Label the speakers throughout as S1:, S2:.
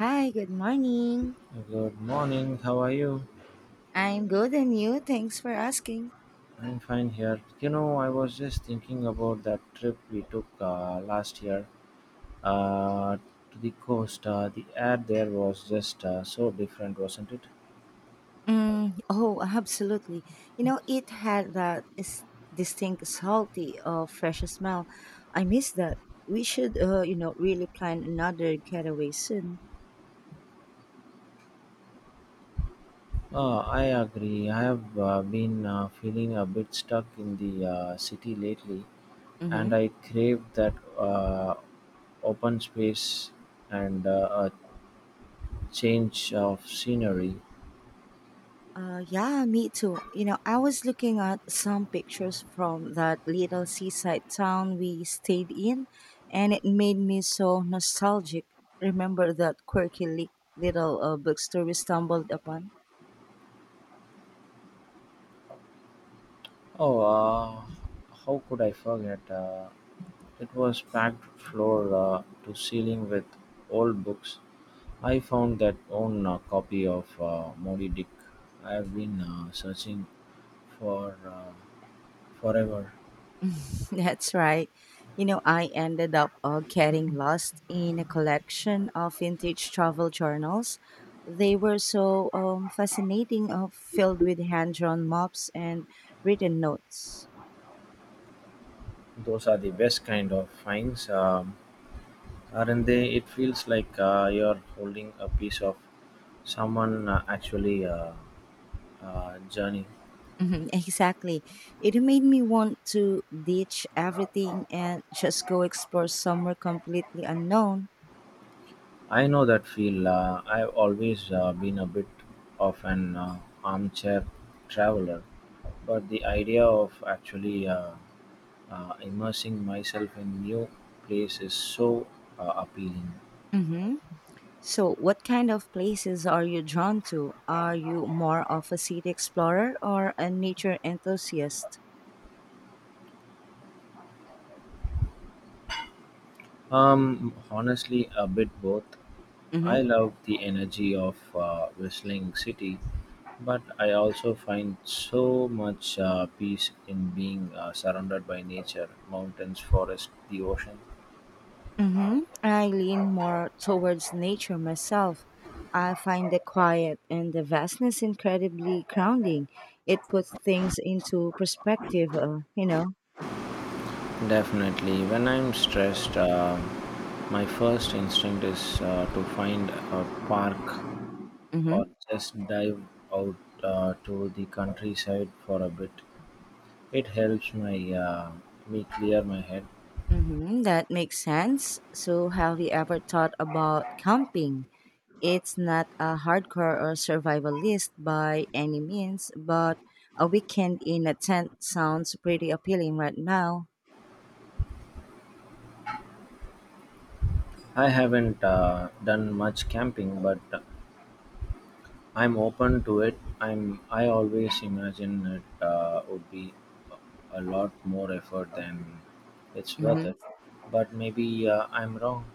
S1: Hi, good morning.
S2: Good morning, how are you?
S1: I'm good and you? Thanks for asking.
S2: I'm fine here. You know, I was just thinking about that trip we took last year uh, to the coast. The air there was just so different, wasn't it?
S1: Mm, oh, absolutely. You know, it had that distinct salty or fresh smell. I miss that. We should, really plan another getaway soon.
S2: I agree. I have been feeling a bit stuck in the city lately,
S1: Mm-hmm.
S2: and I crave that open space and a change of scenery.
S1: Yeah, me too. You know, I was looking at some pictures from that little seaside town we stayed in, and it made me so nostalgic. Remember that quirky little bookstore we stumbled upon?
S2: Oh, uh, how could I forget? It was packed floor to ceiling with old books. I found that one copy of Moby Dick I've been searching for forever.
S1: That's right. You know, I ended up getting lost in a collection of vintage travel journals. They were so fascinating, filled with hand drawn maps and written notes.
S2: Those are the best kind of finds, aren't they? It feels like you're holding a piece of someone actually journey.
S1: Mhm, exactly. It made me want to ditch everything and just go explore somewhere completely unknown.
S2: I know that feel. I've always been a bit of an armchair traveler, but the idea of actually immersing myself in new place is so appealing.
S1: Hmm. So, what kind of places are you drawn to? Are you more of a city explorer or a nature enthusiast?
S2: Honestly, a bit both. I
S1: Hmm.
S2: love the energy of whistling city, but I also find so much peace in being surrounded by nature, mountains, forest, the ocean.
S1: Hmm, I lean more towards nature myself. I find the quiet and the vastness incredibly grounding. It puts things into perspective, you know.
S2: Definitely, when I'm stressed, my first instinct is to find a park or just dive out to the countryside for a bit. It helps my me clear my head.
S1: Mm-hmm, that makes sense. So, have you ever thought about camping? It's not a hardcore or survivalist by any means, but a weekend in a tent sounds pretty appealing right now.
S2: I haven't done much camping, but I'm open to it. I always imagine it would be a lot more effort than it's worth
S1: Mm-hmm,
S2: it. But maybe I'm wrong.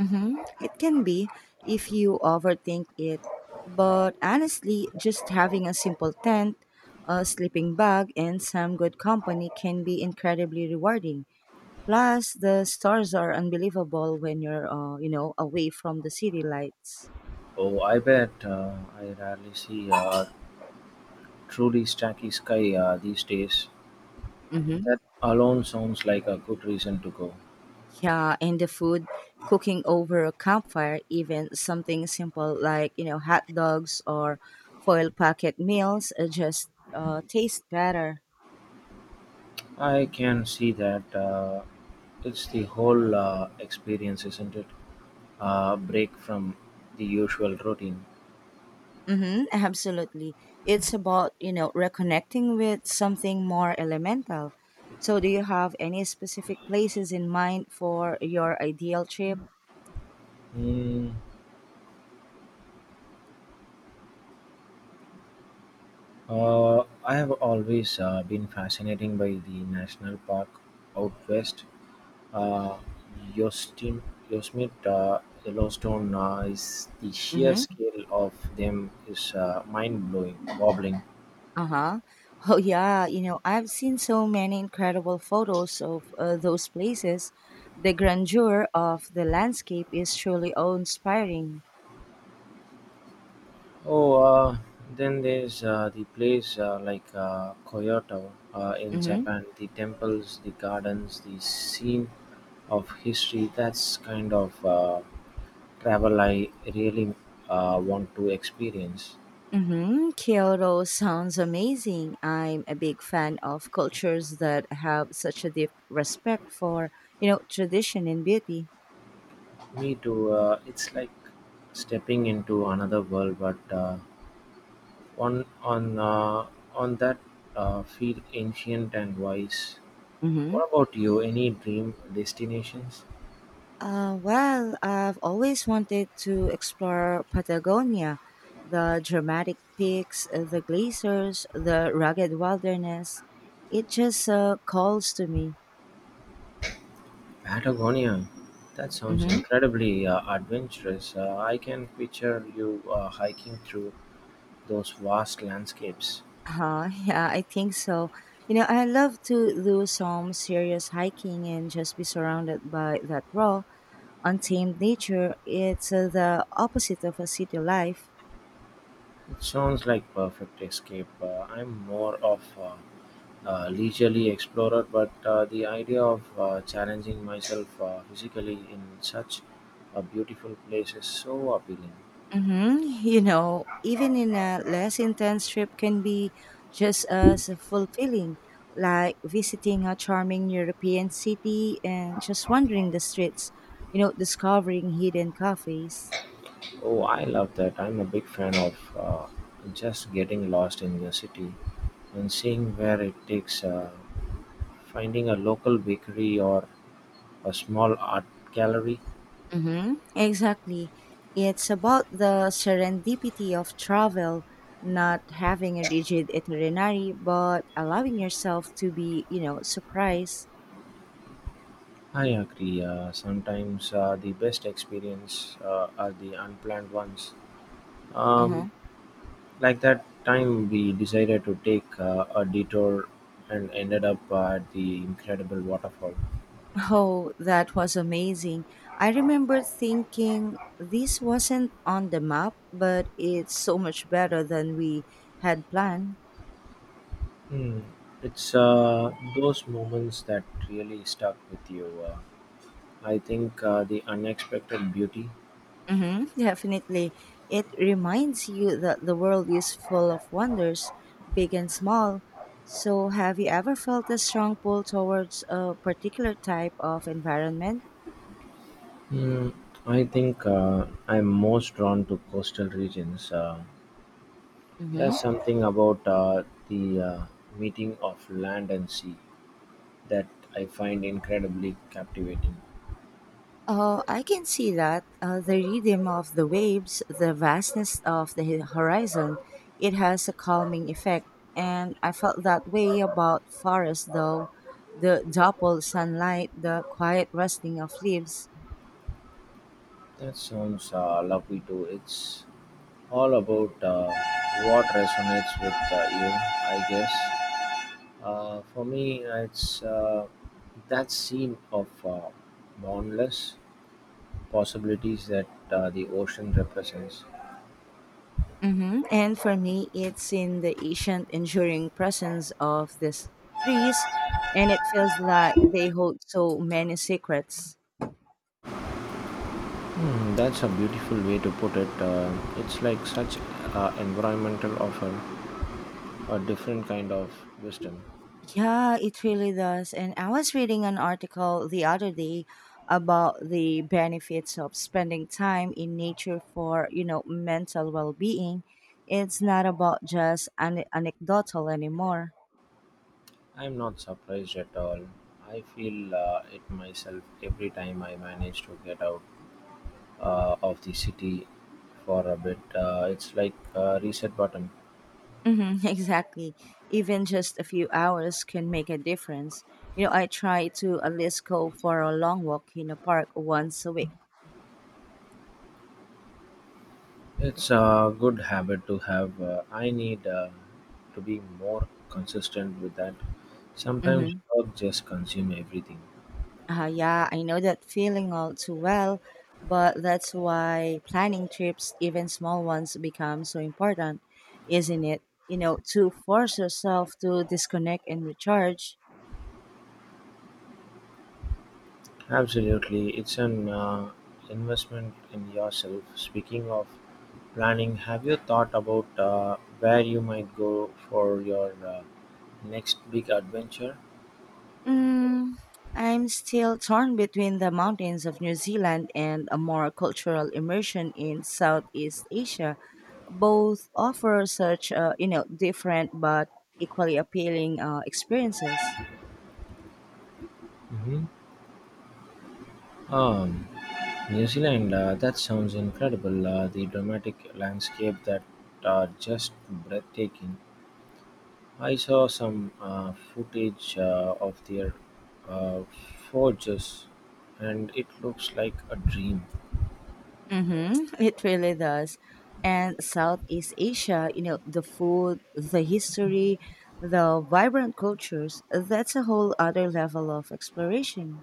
S1: mm-hmm. It can be if you overthink it, but honestly, just having a simple tent, a sleeping bag, and some good company can be incredibly rewarding. Plus, the stars are unbelievable when you're away from the city lights.
S2: Oh, I bet. I rarely see truly stacky sky these days.
S1: Mm-hmm.
S2: That alone sounds like a good reason to go.
S1: Yeah, and the food, cooking over a campfire, even something simple like, you know, hot dogs or foil packet meals just taste better.
S2: I can see that. It's the whole experience, isn't it? Break from the usual routine.
S1: Mm-hmm, absolutely. It's about, you know, reconnecting with something more elemental. So, do you have any specific places in mind for your ideal trip?
S2: Hmm. Uh, I have always been fascinated by the national park out west. Uh, Yosemite, Yosemite Yellowstone, is the sheer
S1: Mm-hmm.
S2: scale of them is mind blowing, wobbling.
S1: Uh-huh. Oh yeah, you know, I've seen so many incredible photos of those places. The grandeur of the landscape is truly awe-inspiring.
S2: Oh, uh, then there's the place like Kyoto in
S1: Mhm.
S2: Japan. The temples, the gardens, the scene of history. That's kind of travel I really want to experience.
S1: Mhm. Kyoto sounds amazing. I'm a big fan of cultures that have such a deep respect for, you know, tradition and beauty.
S2: Me too. It's like stepping into another world, but on on uh, on that feel ancient and wise.
S1: Mhm.
S2: What about you? Any dream destinations?
S1: Well, I've always wanted to explore Patagonia, the dramatic peaks, the glaciers, the rugged wilderness. It just calls to me.
S2: Patagonia! That sounds
S1: Mm-hmm.
S2: incredibly adventurous. I can picture you hiking through those vast landscapes.
S1: Yeah, I think so. You know, I love to do some serious hiking and just be surrounded by that raw, untamed nature. It's the opposite of a city life.
S2: It sounds like perfect escape. I'm more of a leisurely explorer, but the idea of challenging myself physically in such a beautiful place is so appealing.
S1: Mm-hmm. You know, even in a less intense trip can be just as fulfilling, like visiting a charming European city and just wandering the streets, you know, discovering hidden cafes.
S2: Oh, I love that. I'm a big fan of just getting lost in the city and seeing where it takes. Finding a local bakery or a small art gallery?
S1: Mm-hmm. Exactly. It's about the serendipity of travel, not having a rigid itinerary, but allowing yourself to be, you know, surprised.
S2: I agree. Sometimes the best experience are the unplanned ones.
S1: Mm-hmm.
S2: Um, like that time we decided to take a detour and ended up at the incredible waterfall.
S1: Oh, that was amazing. I remember thinking this wasn't on the map, but it's so much better than we had planned.
S2: Hmm. It's those moments that really stuck with you. I think the unexpected beauty.
S1: Hmm, definitely. It reminds you that the world is full of wonders, big and small. So, have you ever felt a strong pull towards a particular type of environment?
S2: Hmm. I think I'm most drawn to coastal regions. There's
S1: Hmm.
S2: something about the meeting of land and sea that I find incredibly captivating.
S1: Oh, I can see that. The rhythm of the waves, the vastness of the horizon, it has a calming effect. And I felt that way about forest, though. The double sunlight, the quiet rustling of leaves.
S2: That sounds lovely too. It's all about what resonates with you, I guess. For me, it's that scene of boundless possibilities that the ocean represents.
S1: Hmm. And for me, it's in the ancient, enduring presence of these trees, and it feels like they hold so many secrets.
S2: Hmm, that's a beautiful way to put it. It's like such environmental offer a different kind of wisdom.
S1: Yeah, it really does. And I was reading an article the other day about the benefits of spending time in nature for, you know, mental well-being. It's not about just anecdotal anymore.
S2: I'm not surprised at all. I feel it myself every time I manage to get out of the city for a bit. It's like a reset button.
S1: Hmm. Exactly. Even just a few hours can make a difference. You know, I try to at least go for a long walk in a park once a week.
S2: It's a good habit to have. I need to be more consistent with that. Sometimes
S1: Hmm.
S2: work just consume everything.
S1: Yeah, I know that feeling all too well, but that's why planning trips, even small ones, become so important, isn't it? You know, to force yourself to disconnect and recharge.
S2: Absolutely, it's an investment in yourself. Speaking of planning, have you thought about where you might go for your next big adventure?
S1: Mm, I'm still torn between the mountains of New Zealand and a more cultural immersion in Southeast Asia. Both offer such, different but equally appealing experiences.
S2: Hmm. Um, New Zealand, that sounds incredible. The dramatic landscape that are just breathtaking. I saw some footage of their uh, forges and it looks like a dream.
S1: Mm-hmm. It really does. And Southeast Asia, you know, the food, the history, the vibrant cultures, that's a whole other level of exploration.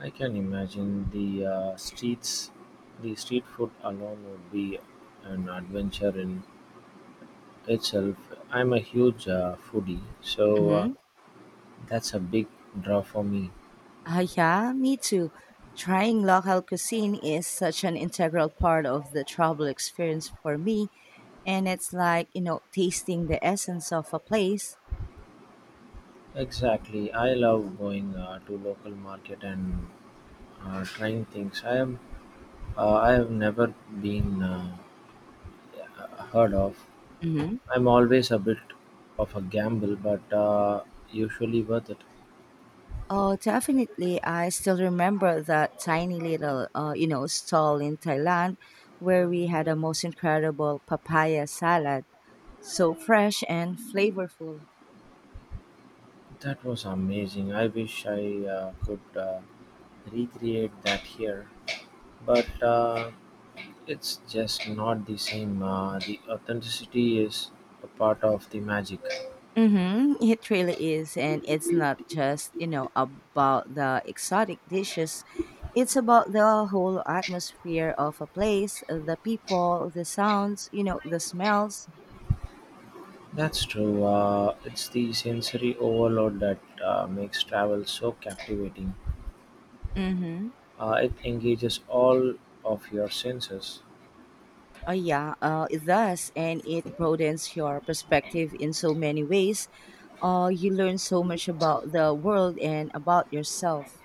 S2: I can imagine the streets, the street food alone would be an adventure in itself. I'm a huge foodie, so
S1: Mm-hmm.
S2: that's a big draw for me.
S1: Yeah, me too. Trying local cuisine is such an integral part of the travel experience for me. And it's like, you know, tasting the essence of a place.
S2: Exactly, I love going to local market and trying things I have never been heard of. I'm always a bit of a gamble, but usually worth it.
S1: Oh, definitely. I still remember that tiny little, stall in Thailand where we had a most incredible papaya salad. So fresh and flavorful.
S2: That was amazing. I wish I could recreate that here, but it's just not the same. The authenticity is a part of the magic.
S1: Mm-hmm. It really is. And it's not just, you know, about the exotic dishes. It's about the whole atmosphere of a place, the people, the sounds, you know, the smells.
S2: That's true. It's the sensory overload that makes travel so captivating.
S1: Mm-hmm.
S2: It engages all of your senses.
S1: Yeah, it does, and it broadens your perspective in so many ways. You learn so much about the world and about yourself.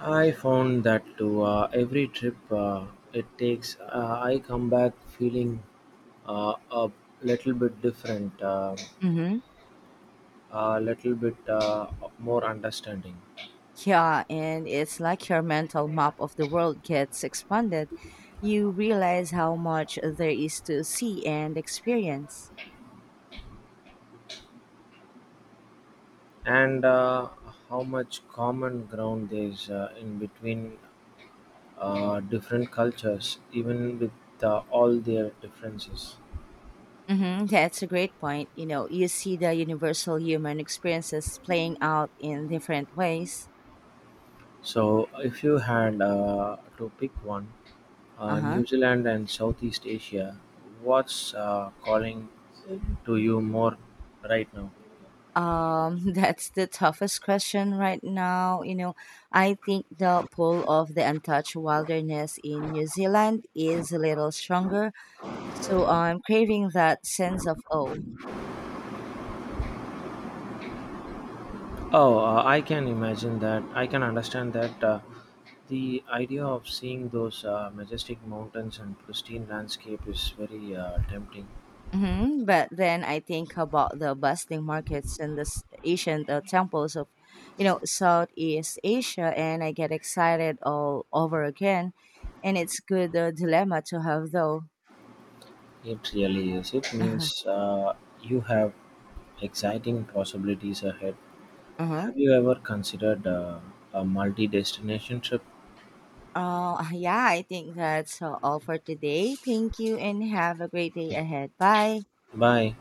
S2: I found that too. Every trip it takes, I come back feeling a little bit different,
S1: Mm-hmm.
S2: a little bit more understanding.
S1: Yeah, and it's like your mental map of the world gets expanded. You realize how much there is to see and experience.
S2: And how much common ground there is in between different cultures, even with all their differences.
S1: Mm-hmm. That's a great point. You know, you see the universal human experiences playing out in different ways.
S2: So, if you had to pick one,
S1: Uh huh.
S2: New Zealand and Southeast Asia, what's calling to you more right now?
S1: That's the toughest question right now. You know, I think the pull of the untouched wilderness in New Zealand is a little stronger. So I'm craving that sense of awe.
S2: Oh, I can imagine that. I can understand that. The idea of seeing those majestic mountains and pristine landscape is very tempting.
S1: Hmm. But then I think about the bustling markets and the ancient temples of, you know, Southeast Asia, and I get excited all over again. And it's good dilemma to have, though.
S2: It really is. It means you have exciting possibilities ahead.
S1: Uh-huh.
S2: Have you ever considered a multi destination trip?
S1: Oh, yeah, I think that's all for today. Thank you and have a great day ahead. Bye.
S2: Bye.